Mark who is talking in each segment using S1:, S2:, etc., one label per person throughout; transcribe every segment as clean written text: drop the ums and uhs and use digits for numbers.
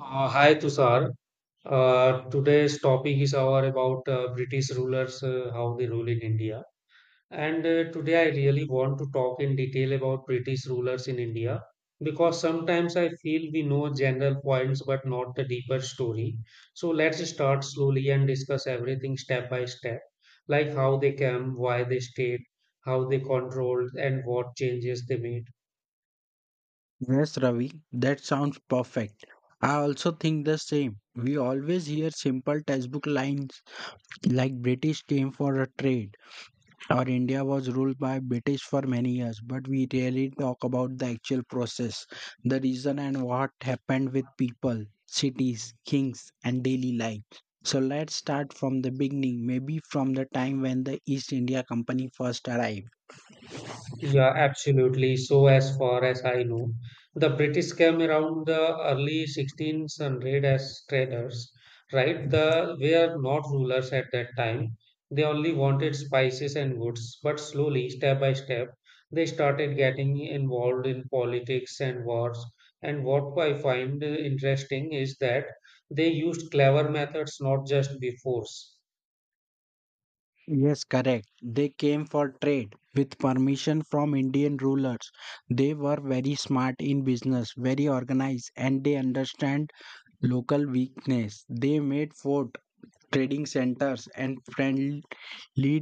S1: Hi Tushar. Today's topic is our about British rulers, how they rule in India. And today I really want to talk in detail about British rulers in India because sometimes I feel we know general points but not the deeper story. So let's start slowly and discuss everything step by step, like how they came, why they stayed, how they controlled, and what changes they made.
S2: Yes, Ravi, that sounds perfect. I also think the same. We always hear simple textbook lines like British came for a trade or India was ruled by British for many years, but we rarely talk about the actual process, the reason and what happened with people, cities, kings, and daily life. So let's start from the beginning, maybe from the time when the East India Company first arrived.
S1: Yeah, absolutely. So, as far as I know, the British came around the early 1600 as traders, right? They were not rulers at that time. They only wanted spices and goods, but slowly, step by step, they started getting involved in politics and wars. And what I find interesting is that they used clever methods, not just by force.
S2: Yes, correct. They came for trade with permission from Indian rulers. They were very smart in business, very organized, and they understand local weakness. They made fort, trading centers, and friendly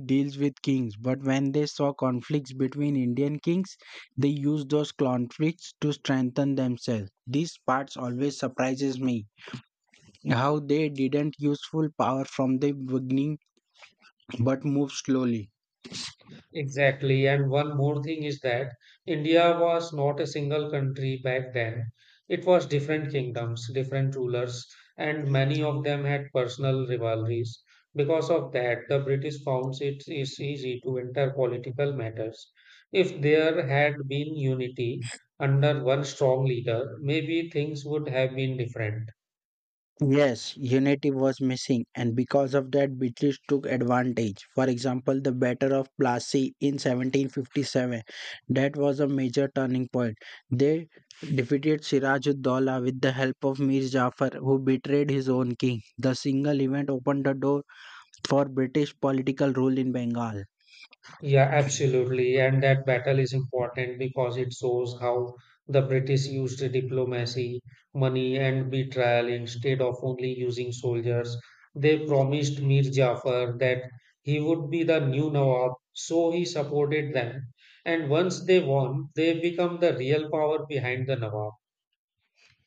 S2: deals with kings. But when they saw conflicts between Indian kings, they used those conflicts to strengthen themselves. These parts always surprises me how they didn't useful power from the beginning but moved slowly.
S1: Exactly. And one more thing is that India was not a single country back then. It was different kingdoms, different rulers, and many of them had personal rivalries. Because of that, the British found it is easy to enter political matters. If there had been unity under one strong leader, maybe things would have been different.
S2: Yes, unity was missing, and because of that, British took advantage. For example, the Battle of Plassey in 1757, that was a major turning point. They defeated Siraj-ud-Dawla with the help of Mir Jafar, who betrayed his own king. The single event opened the door for British political rule in Bengal.
S1: Yeah, absolutely. And that battle is important because it shows how the British used diplomacy, money, and betrayal instead of only using soldiers. They promised Mir Jafar that he would be the new Nawab, so he supported them. And once they won, they become the real power behind the Nawab.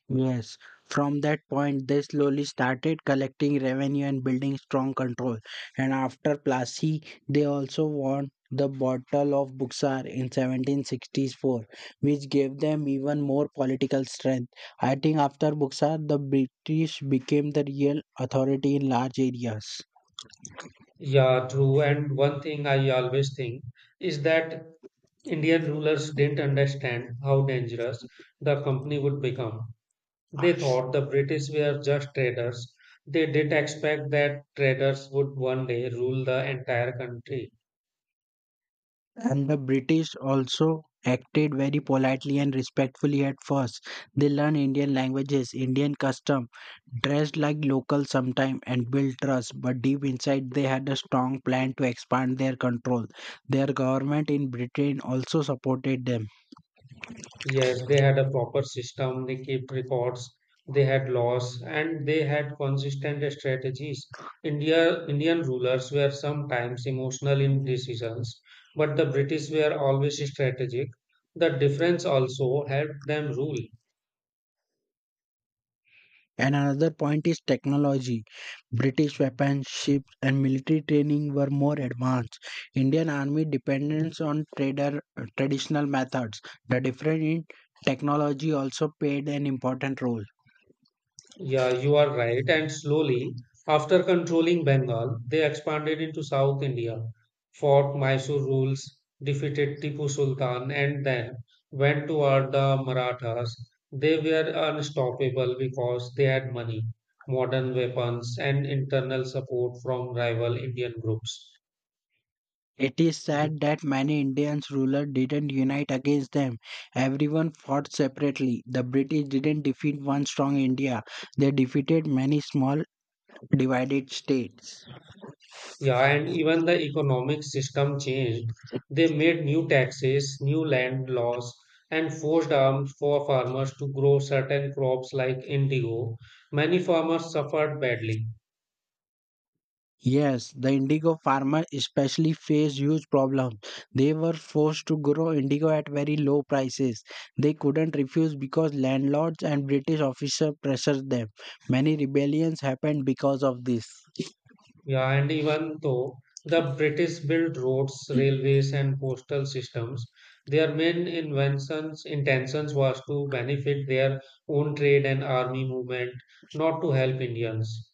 S2: Yes, from that point, they slowly started collecting revenue and building strong control. And after Plassey, they also won the Battle of Buxar in 1764, which gave them even more political strength. I think after Buxar, the British became the real authority in large areas.
S1: Yeah, true. And one thing I always think is that Indian rulers didn't understand how dangerous the company would become. They thought the British were just traders. They didn't expect that traders would one day rule the entire country.
S2: And the British also acted very politely and respectfully at first. They learned Indian languages, Indian custom, dressed like locals sometime and built trust, but deep inside they had a strong plan to expand their control. Their government in Britain also supported them.
S1: Yes, they had a proper system, they kept records, they had laws, and they had consistent strategies. Indian rulers were sometimes emotional in decisions, but the British were always strategic. The difference also helped them rule.
S2: And another point is technology. British weapons, ships, and military training were more advanced. Indian army dependence on trader, traditional methods. The difference in technology also played an important role.
S1: Yeah, you are right. And slowly, after controlling Bengal, they expanded into South India, fought Mysore rules, defeated Tipu Sultan, and then went toward the Marathas. They were unstoppable because they had money, modern weapons, and internal support from rival Indian groups.
S2: It is sad that many Indians rulers didn't unite against them. Everyone fought separately. The British didn't defeat one strong India. They defeated many small divided states.
S1: Yeah, and even the economic system changed. They made new taxes, new land laws, and forced arms for farmers to grow certain crops like indigo. Many farmers suffered badly.
S2: Yes, the indigo farmer especially faced huge problems. They were forced to grow indigo at very low prices. They couldn't refuse because landlords and British officers pressured them. Many rebellions happened because of this.
S1: Yeah, and even though the British built roads, railways, and postal systems, their main inventions intentions was to benefit their own trade and army movement, not to help Indians.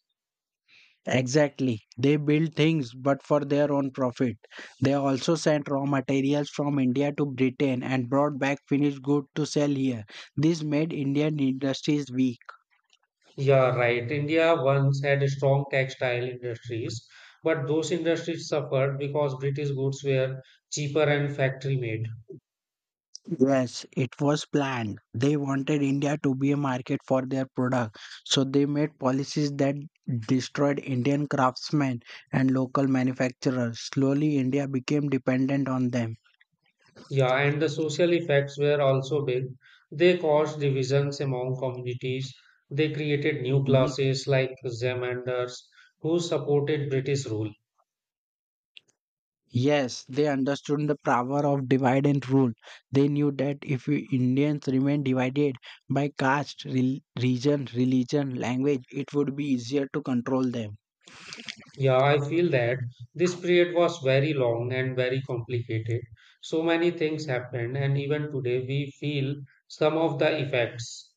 S2: Exactly. They built things but for their own profit. They also sent raw materials from India to Britain and brought back finished goods to sell here. This made Indian industries weak.
S1: Yeah, right. India once had strong textile industries, but those industries suffered because British goods were cheaper and factory made.
S2: Yes, it was planned. They wanted India to be a market for their product, so they made policies that destroyed Indian craftsmen and local manufacturers. Slowly, India became dependent on them.
S1: Yeah, and the social effects were also big. They caused divisions among communities. They created new
S2: Mhm.
S1: classes like Zamindars who supported British rule.
S2: Yes, they understood the power of divide and rule. They knew that if we Indians remained divided by caste, rel region, religion, language, it would be easier to control them.
S1: Yeah, I feel that this period was very long and very complicated. So many things happened, and even today we feel some of the effects.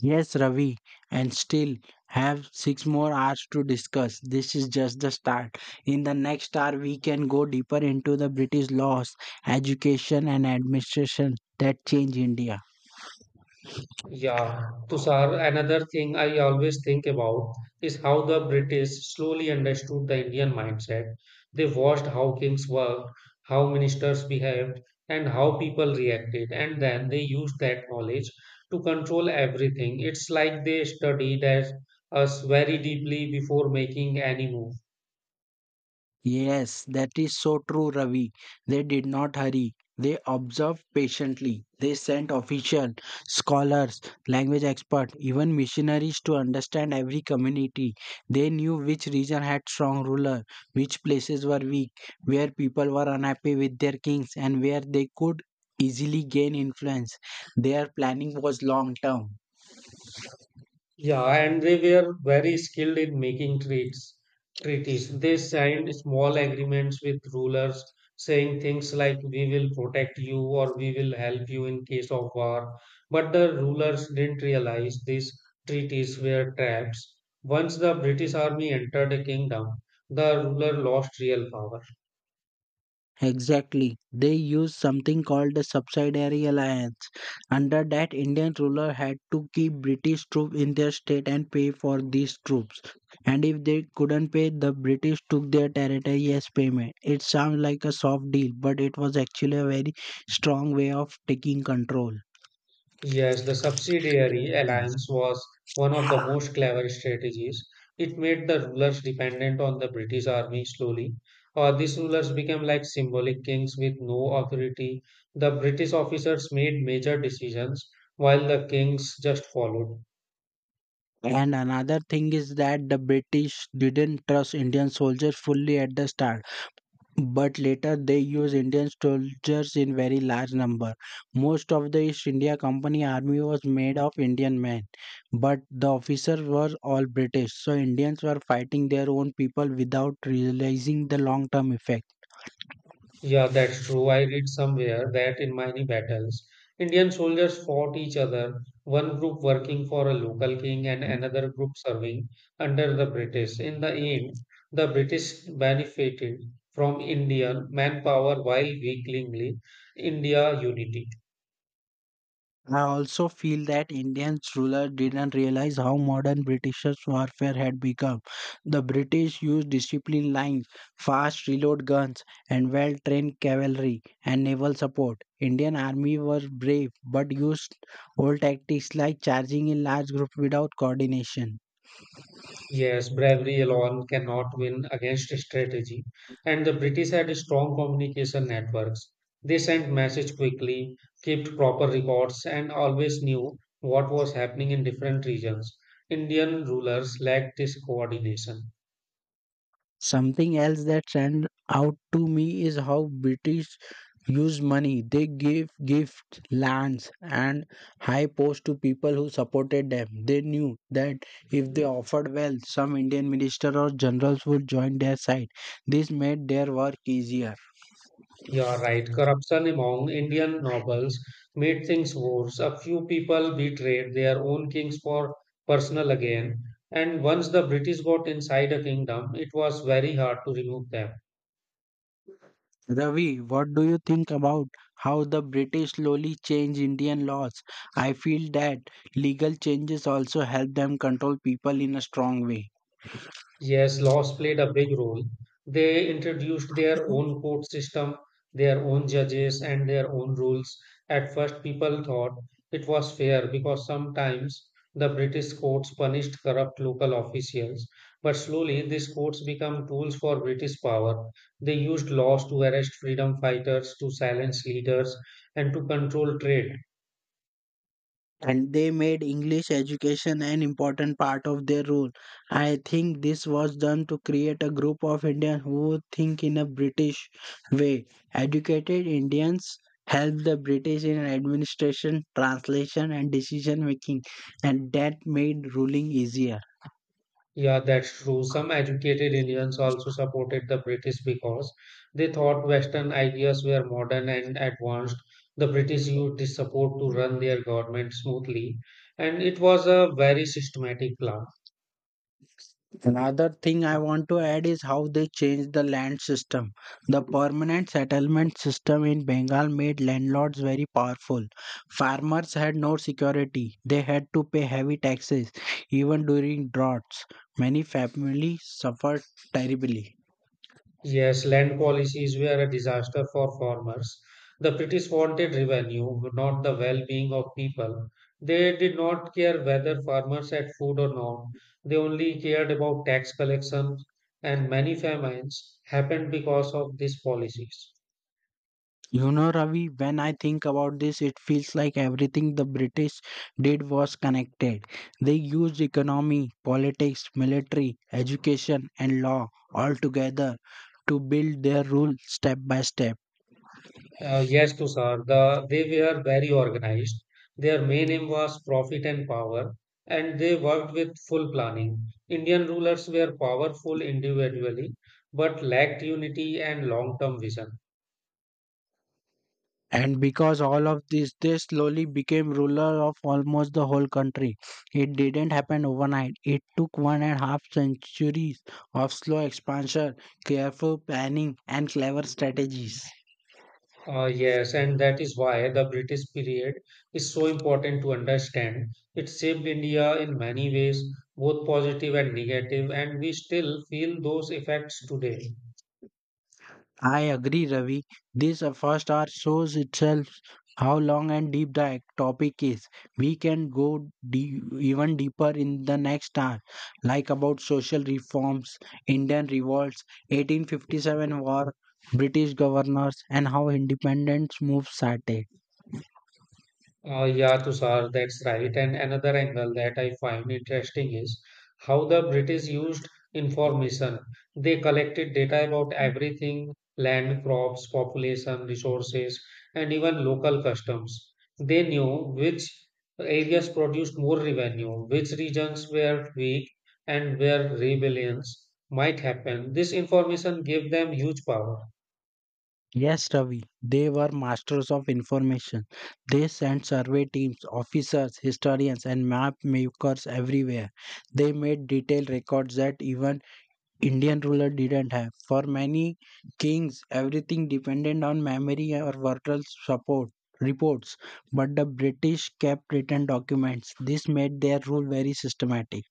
S2: Yes, Ravi, and still have 6 more hours to discuss. This is just the start. In the next hour, we can go deeper into the British laws, education, and administration that change India.
S1: Yeah, Tushar, another thing I always think about is how the British slowly understood the Indian mindset. They watched how kings worked, how ministers behaved, and how people reacted, and then they used that knowledge to control everything. It's like they studied as us very deeply before making any move.
S2: Yes, that is so true, Ravi. They did not hurry. They observed patiently. They sent officials, scholars, language experts, even missionaries to understand every community. They knew which region had strong ruler, which places were weak, where people were unhappy with their kings, and where they could easily gain influence. Their planning was long term.
S1: Yeah, and they were very skilled in making treaties. They signed small agreements with rulers saying things like, we will protect you or we will help you in case of war. But the rulers didn't realize these treaties were traps. Once the British army entered the kingdom, the ruler lost real power.
S2: Exactly. They used something called the subsidiary alliance. Under that Indian ruler had to keep British troops in their state and pay for these troops. And if they couldn't pay, the British took their territory as payment. It sounds like a soft deal, but it was actually a very strong way of taking control.
S1: Yes, the subsidiary
S2: Mm.
S1: alliance was one of the most clever strategies. It made the rulers dependent on the British army slowly, or these rulers became like symbolic kings with no authority. The British officers made major decisions while the kings just followed.
S2: And another thing is that the British didn't trust Indian soldiers fully at the start. But later they used Indian soldiers in very large number. Most of the East India Company army was made of Indian men, but the officers were all British, so Indians were fighting their own people without realizing the long term effect.
S1: Yeah, that's true. I read somewhere that in many battles, Indian soldiers fought each other, one group working for a local king and another group serving under the British. In the end, the British benefited from Indian manpower while weakening India unity.
S2: I also feel that Indians rulers didn't realize how modern Britishers' warfare had become. The British used disciplined lines, fast reload guns, and well trained cavalry and naval support. Indian army were brave but used old tactics like charging in large groups without coordination.
S1: Yes, bravery alone cannot win against strategy. And the British had strong communication networks. They sent messages quickly, kept proper records, and always knew what was happening in different regions. Indian rulers lacked this coordination.
S2: Something else that stand out to me is how British used money. They gave gifts, lands, and high posts to people who supported them. They knew that if they offered wealth, some Indian minister or generals would join their side. This made their work easier.
S1: You are right. Corruption among Indian nobles made things worse. A few people betrayed their own kings for personal gain, and once the British got inside a kingdom, it was very hard to remove them.
S2: Ravi, what do you think about how the British slowly changed Indian laws? I feel that legal changes also help them control people in a strong way.
S1: Yes, laws played a big role. They introduced their own court system, their own judges, and their own rules. At first, people thought it was fair because sometimes the British courts punished corrupt local officials. But slowly, these courts became tools for British power. They used laws to arrest freedom fighters, to silence leaders, and to control trade.
S2: And they made English education an important part of their role. I think this was done to create a group of Indians who think in a British way. Educated Indians helped the British in administration, translation, and decision making, and that made ruling easier.
S1: Yeah, that's true. Some educated Indians also supported the British because they thought Western ideas were modern and advanced. The British used this support to run their government smoothly, and it was a very systematic plan.
S2: Another thing I want to add is how they changed the land system. The permanent settlement system in Bengal made landlords very powerful. Farmers had no security, they had to pay heavy taxes, even during droughts. Many families suffered terribly.
S1: Yes, land policies were a disaster for farmers. The British wanted revenue, not the well being of people. They did not care whether farmers had food or not. They only cared about tax collection, and many famines happened because of these policies.
S2: You know, Ravi, when I think about this, it feels like everything the British did was connected. They used economy, politics, military, education, and law all together to build their rule step by step.
S1: Yes, to sir. They were very organized. Their main aim was profit and power, and they worked with full planning. Indian rulers were powerful individually, but lacked unity and long-term vision.
S2: And because all of this, they slowly became ruler of almost the whole country. It didn't happen overnight. It took one and a half centuries of slow expansion, careful planning, and clever strategies.
S1: Yes, and that is why the British period is so important to understand. It shaped India in many ways, both positive and negative, and we still feel those effects today.
S2: I agree, Ravi. This first hour shows itself how long and deep the topic is. We can go even deeper in the next hour, like about social reforms, Indian revolts, 1857 war, British governors, and how independence moved started.
S1: Yeah, Tushar, that's right. And another angle that I find interesting is how the British used information. They collected data about everything land, crops, population, resources, and even local customs. They knew which areas produced more revenue, which regions were weak, and where rebellions might happen. This information gave them huge power.
S2: Yes, Ravi, they were masters of information. They sent survey teams, officers, historians, and map makers everywhere. They made detailed records that even Indian ruler didn't have. For many kings, everything depended on memory or verbal support reports, but the British kept written documents. This made their rule very systematic.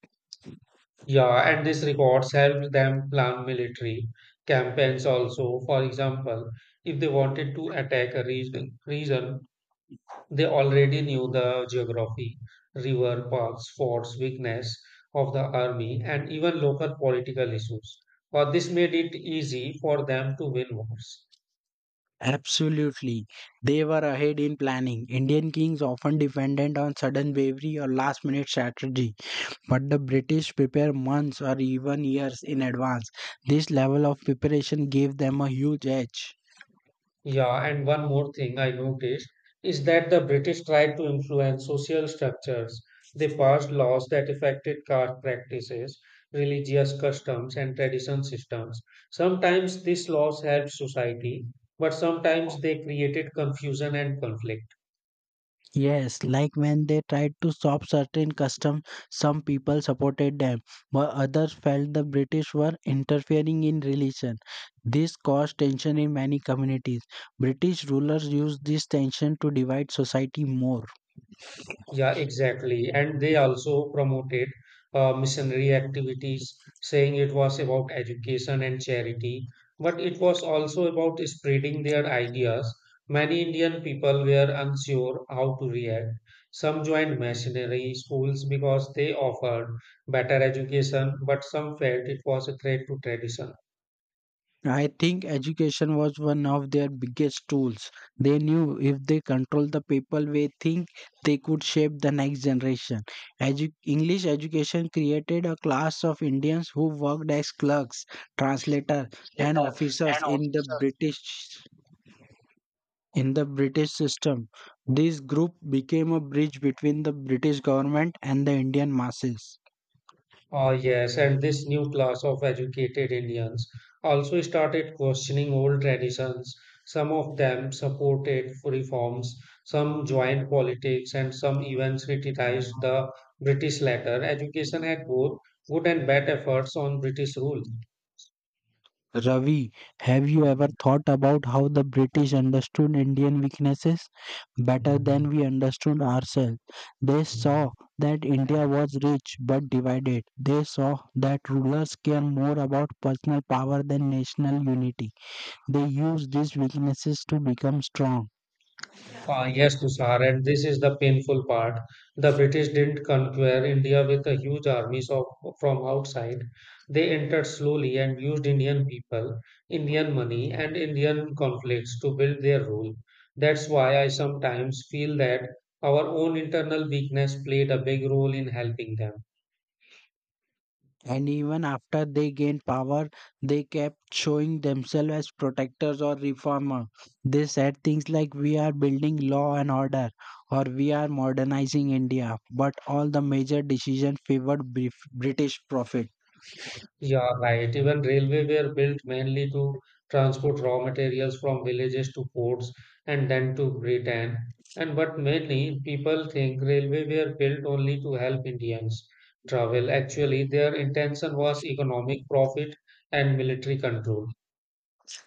S1: Yeah, and these records helped them plan military campaigns also. For example, if they wanted to attack a region, they already knew the geography, river paths, forts, weakness of the army, and even local political issues. Or this made it easy for them to win wars.
S2: Absolutely. They were ahead in planning. Indian kings often depended on sudden bravery or last minute strategy, but the British prepared months or even years in advance. This level of preparation gave them a huge edge.
S1: Yeah, and one more thing I noticed is that the British tried to influence social structures. They passed laws that affected caste practices, religious customs, and tradition systems. Sometimes these laws helped society, but sometimes they created confusion and conflict.
S2: Yes, like when they tried to stop certain customs, some people supported them, while others felt the British were interfering in religion. This caused tension in many communities. British rulers used this tension to divide society more.
S1: Yeah, exactly. And they also promoted missionary activities, saying it was about education and charity, but it was also about spreading their ideas. Many Indian people were unsure how to react. Some joined missionary schools because they offered better education, but some felt it was a threat to tradition.
S2: I think education was one of their biggest tools. They knew if they controlled the people they think, they could shape the next generation. English education created a class of Indians who worked as clerks, translators, and
S1: Later,
S2: officers
S1: and also
S2: in the British system. This group became a bridge between the British government and the Indian masses.
S1: Ah, yes, and this new class of educated Indians also started questioning old traditions. Some of them supported reforms, some joined politics, and some even criticized the British latter. Education had both good and bad efforts on British rule.
S2: Ravi, have you ever thought about how the British understood Indian weaknesses better than we understood ourselves? They saw that India was rich but divided. They saw that rulers care more about personal power than national unity. They used these weaknesses to become strong.
S1: Ah, yes, Tushar, and this is the painful part. The British didn't conquer India with a huge armies of, from outside. They entered slowly and used Indian people, Indian money, and Indian conflicts to build their rule. That's why I sometimes feel that our own internal weakness played a big role in helping them.
S2: And even after they gained power, they kept showing themselves as protectors or reformer. They said things like, we are building law and order, or we are modernizing India. But all the major decisions favored British profit.
S1: Yeah, right. Even railway were built mainly to transport raw materials from villages to ports and then to Britain. And but many people think railway were built only to help Indians travel. Actually, their intention was economic profit and military control.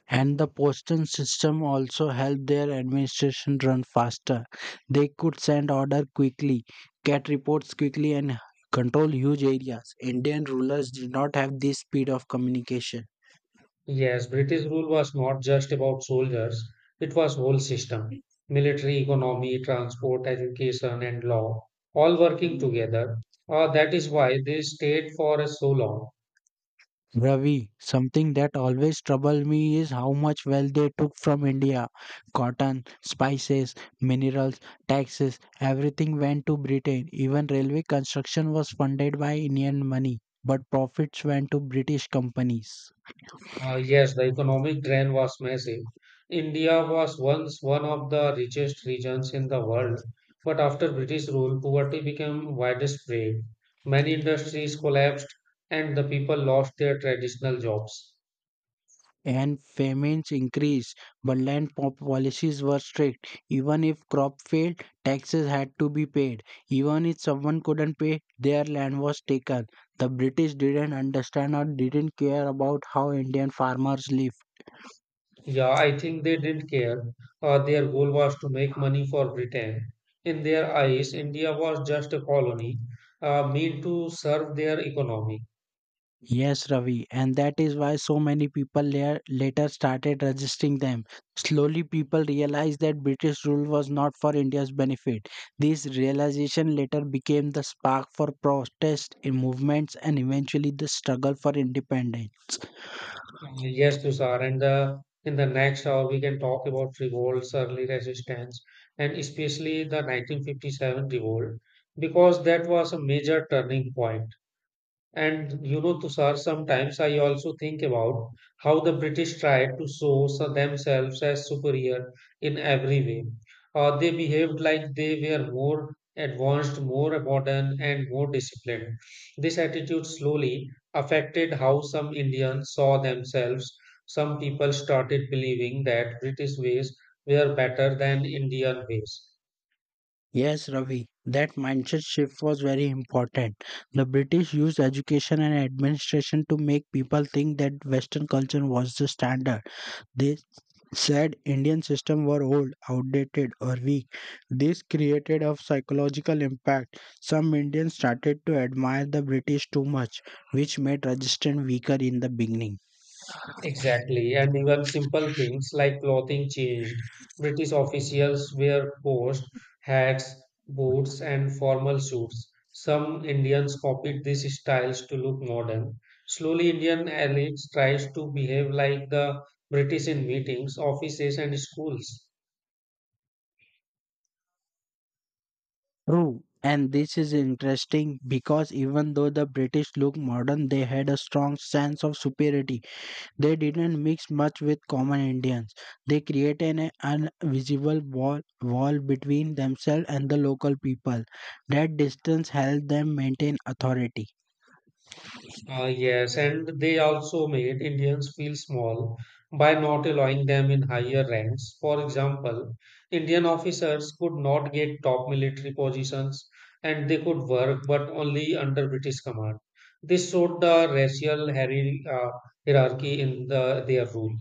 S2: And the postal system also helped their administration run faster. They could send order quickly, get reports quickly, and control huge areas. Indian rulers did not have this speed of communication.
S1: Yes, British rule was not just about soldiers, it was whole system. Military, economy, transport, education, and law, all working together. That is why they stayed for so long.
S2: Ravi, something that always troubled me is how much wealth they took from India. Cotton, spices, minerals, taxes, everything went to Britain. Even railway construction was funded by Indian money, but profits went to British companies.
S1: Yes, the economic drain was massive. India was once one of the richest regions in the world, but after British rule, poverty became widespread. Many industries collapsed, and the people lost their traditional jobs.
S2: And famines increased, but land policies were strict. Even if crop failed, taxes had to be paid. Even if someone couldn't pay, their land was taken. The British didn't understand or didn't care about how Indian farmers lived.
S1: Yeah, I think they didn't care. Their goal was to make money for Britain. In their eyes, India was just a colony, meant to serve their economy.
S2: Yes, Ravi, and that is why so many people later started resisting them. Slowly, people realized that British rule was not for India's benefit. This realization later became the spark for protest in movements and eventually the struggle for independence.
S1: Yes, Tushar, and in the next hour we can talk about revolts, early resistance, and especially the 1957 revolt, because that was a major turning point. And you know, Tushar, sometimes I also think about how the British tried to themselves as superior in every way. They behaved like they were more advanced, more modern, and more disciplined. This attitude slowly affected how some Indians saw themselves. Some people started believing that British ways were better than Indian ways.
S2: Yes, Ravi, that mindset shift was very important. The British used education and administration to make people think that Western culture was the standard. They said Indian system were old, outdated or weak. This created a psychological impact. Some Indians started to admire the British too much, which made resistance weaker in the beginning.
S1: Exactly, and even simple things like clothing changed. British officials wear coats, hats, boots, and formal suits. Some Indians copied these styles to look modern. Slowly, Indian elites tries to behave like the British in meetings, offices, and schools.
S2: True. And this is interesting because even though the British looked modern, they had a strong sense of superiority. They didn't mix much with common Indians. They created an invisible wall between themselves and the local people. That distance helped them maintain authority.
S1: Yes, and they also made Indians feel small by not allowing them in higher ranks. For example, Indian officers could not get top military positions and they could work but only under British command. This showed the racial hierarchy in their rule.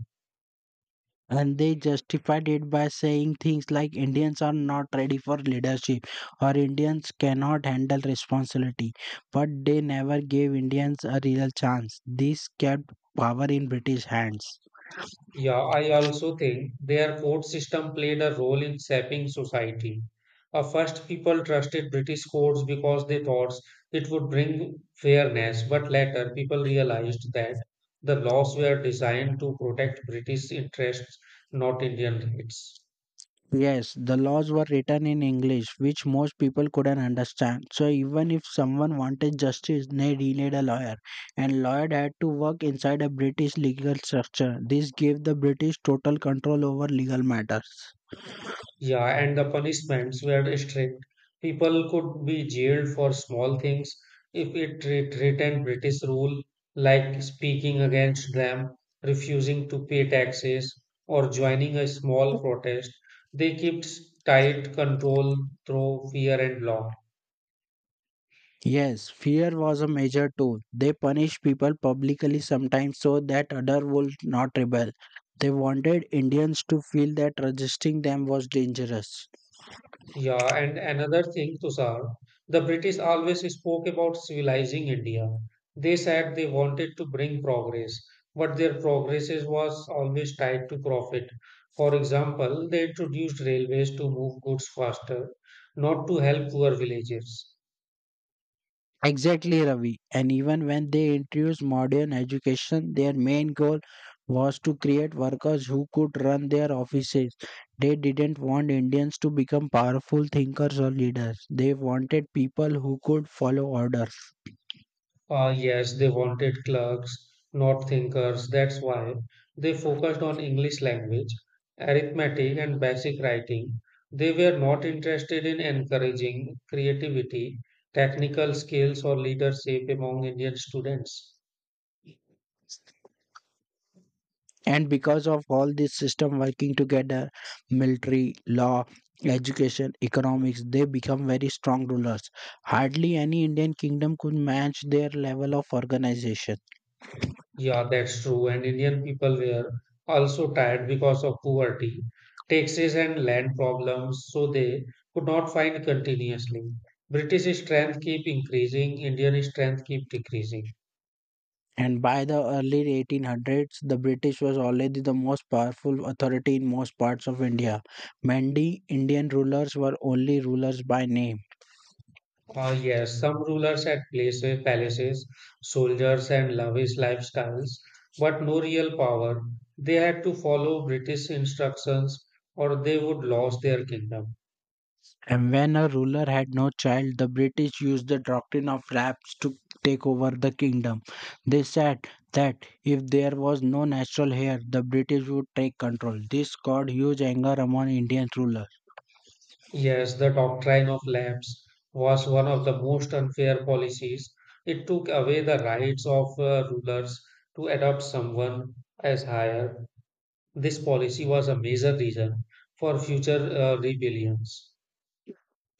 S2: And they justified it by saying things like Indians are not ready for leadership or Indians cannot handle responsibility. But they never gave Indians a real chance. This kept power in British hands.
S1: Yeah, I also think their court system played a role in shaping society. First, people trusted British courts because they thought it would bring fairness, but later people realized that the laws were designed to protect British interests, not Indian rights.
S2: Yes, the laws were written in English, which most people couldn't understand. So even if someone wanted justice, they needed a lawyer, and lawyer had to work inside a British legal structure. This gave the British total control over legal matters.
S1: Yeah, and the punishments were strict. People could be jailed for small things if threatened British rule, like speaking against them, refusing to pay taxes, or joining a small protest. They kept tight control through fear and law.
S2: Yes, fear was a major tool. They punished people publicly sometimes so that others would not rebel. They wanted Indians to feel that resisting them was dangerous.
S1: Yeah, and another thing, Tushar, the British always spoke about civilizing India. They said they wanted to bring progress, but their was always tied to profit. For example, they introduced railways to move goods faster, not to help poor villages.
S2: Exactly, Ravi. And even when they introduced modern education, their main goal was to create workers who could run their offices. They didn't want Indians to become powerful thinkers or leaders. They wanted people who could follow orders.
S1: Ah, yes, they wanted clerks, not thinkers. That's why they focused on English language, arithmetic, and basic writing. They were not interested in encouraging creativity, technical skills, or leadership among Indian students.
S2: And because of all this system working together, military, law, education, economics, they become very strong rulers. Hardly any Indian kingdom could match their level of organization.
S1: Yeah, that's true. And Indian people were also tired because of poverty, taxes, and land problems, so they could not find continuously. British strength keep increasing, Indian strength keep decreasing.
S2: And by the early 1800s, the British was already the most powerful authority in most parts of India. Many Indian rulers were only rulers by name.
S1: Yes, some rulers had places, palaces, soldiers, and lavish lifestyles, but no real power. They had to follow British instructions or they would lose their kingdom.
S2: And when a ruler had no child, the British used the doctrine of raps to take over the kingdom. They said that if there was no natural heir, the British would take control. This caused huge anger among Indian rulers.
S1: Yes, the doctrine of lapse was one of the most unfair policies. It took away the rights of rulers to adopt someone as higher. This policy was a major reason for future rebellions.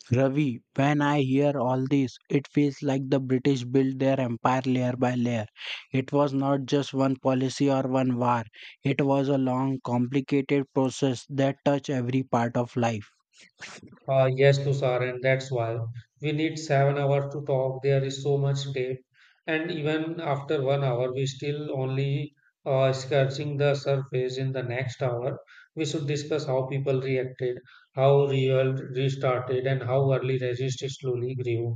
S2: Ravi, when I hear all this, it feels like the British built their empire layer by layer. It was not just one policy or one war, it was a long, complicated process that touched every part of life.
S1: Yes, Tushar, and that's why we need 7 hours to talk. There is so much depth, and even after 1 hour, we still only scratching the surface. In the next hour, we should discuss how people reacted, how real restarted, and how early resist slowly grew.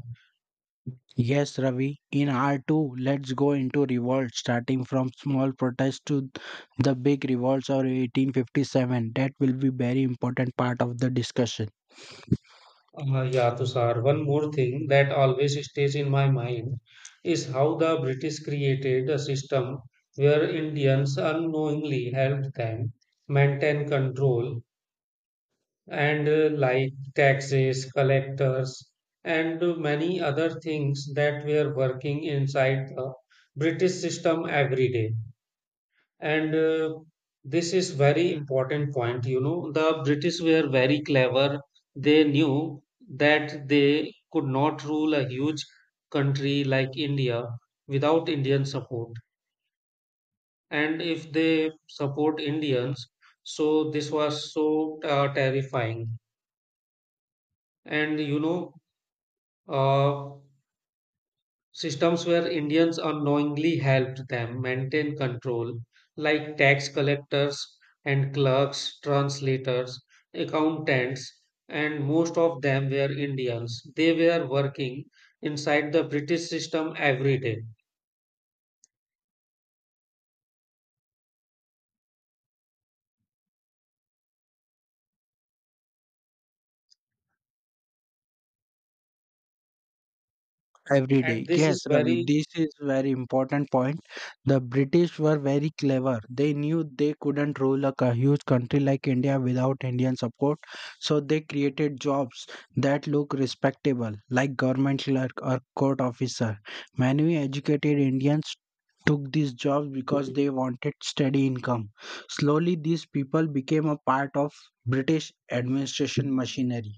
S2: Yes, Ravi, in R2, let's go into revolt, starting from small protests to the big revolts of 1857. That will be very important part of the discussion.
S1: Yeah, Tushar, one more thing that always stays in my mind is how the British created a system where Indians unknowingly helped them maintain control and like taxes, collectors, and many other things that were working inside the British system every day. And this is very important point. You know, the British were very clever. They knew that they could not rule a huge country like India without Indian support. And if they support Indians, so this was so terrifying. And you know, uh, systems where Indians unknowingly helped them maintain control, like tax collectors and clerks, translators, accountants, and most of them were Indians. They were working inside the British system every day.
S2: Every day.
S1: And this
S2: Yes,
S1: is
S2: Ravi,
S1: very.
S2: this is very important point. The British were very clever. They knew they couldn't rule a huge country like India without Indian support, so they created jobs that look respectable, like government clerk or court officer. Many educated Indians took these jobs because they wanted steady income. Slowly, these people became a part of British administration machinery.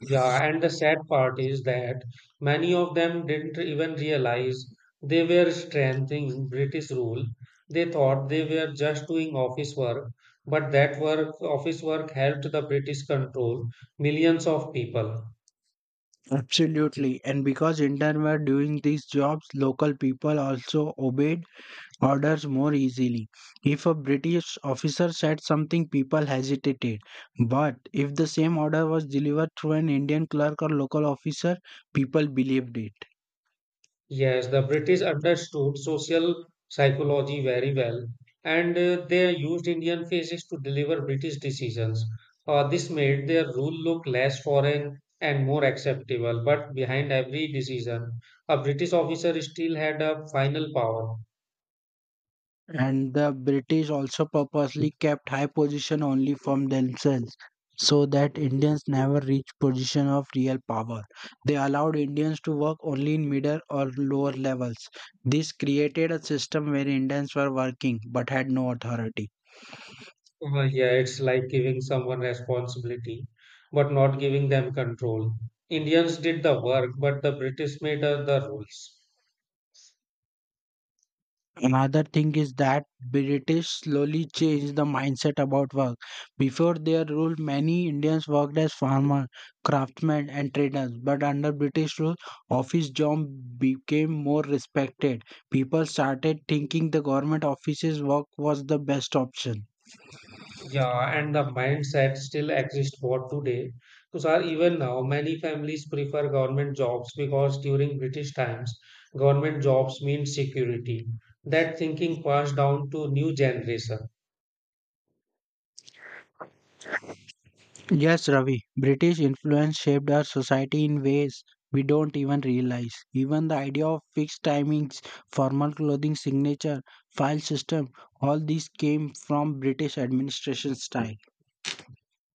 S1: Yeah, and the sad part is that many of them didn't even realize they were strengthening British rule. They thought they were just doing office work, but that work, office work helped the British control millions of people.
S2: Absolutely. And because Indians were doing these jobs, local people also obeyed orders more easily. If a British officer said something, people hesitated. But if the same order was delivered through an Indian clerk or local officer, people believed it.
S1: Yes, the British understood social psychology very well, and they used Indian phases to deliver British decisions. This made their rule look less foreign and more acceptable, but behind every decision, a British officer still had a final power.
S2: And the British also purposely kept high position only from themselves so that Indians never reached position of real power. They allowed Indians to work only in middle or lower levels. This created a system where Indians were working but had no authority.
S1: Yeah, it's like giving someone responsibility, but not giving them control. Indians did the work, but the British made the rules.
S2: Another thing is that British slowly changed the mindset about work. Before their rule, many Indians worked as farmers, craftsmen, and traders. But under British rule, office job became more respected. People started thinking the government offices work was the best option.
S1: Yeah, and the mindset still exists for today. Tushar, even now, many families prefer government jobs because during British times, government jobs mean security. That thinking passed down to new generation.
S2: Yes, Ravi. British influence shaped our society in ways we don't even realize. Even the idea of fixed timings, formal clothing signature, file system, all these came from British administration style.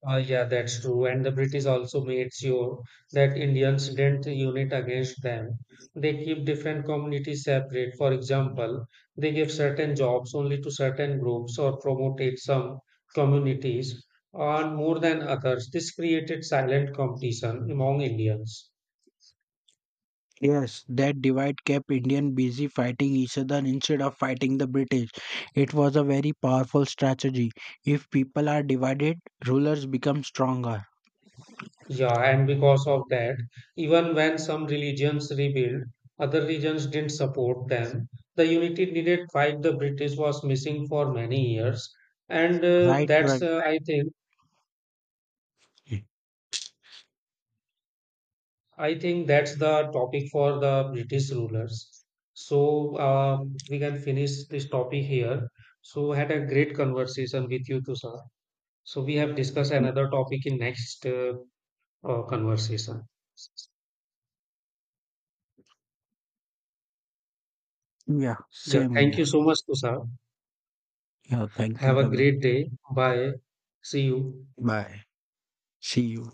S1: Yeah, that's true. And the British also made sure that Indians didn't unite against them. They keep different communities separate. For example, they gave certain jobs only to certain groups or promoted some communities on more than others. This created silent competition among Indians.
S2: Yes, that divide kept Indian busy fighting each other instead of fighting the British. It was a very powerful strategy. If people are divided, rulers become stronger.
S1: Yeah, and because of that, even when some religions rebuilt, other regions didn't support them. The unity needed fight the British was missing for many years, and uh,
S2: Right,
S1: that's
S2: Ravi?
S1: uh, I think. I think that's the topic for the British rulers. So we can finish this topic here. So had a great conversation with you too, sir. So we have discussed another topic in next conversation.
S2: Yeah,
S1: Yeah,
S2: same here.
S1: thank you so much, sir.
S2: Yeah, thank you,
S1: Have a
S2: Ravi.
S1: great day. Bye. See you.
S2: Bye. See you.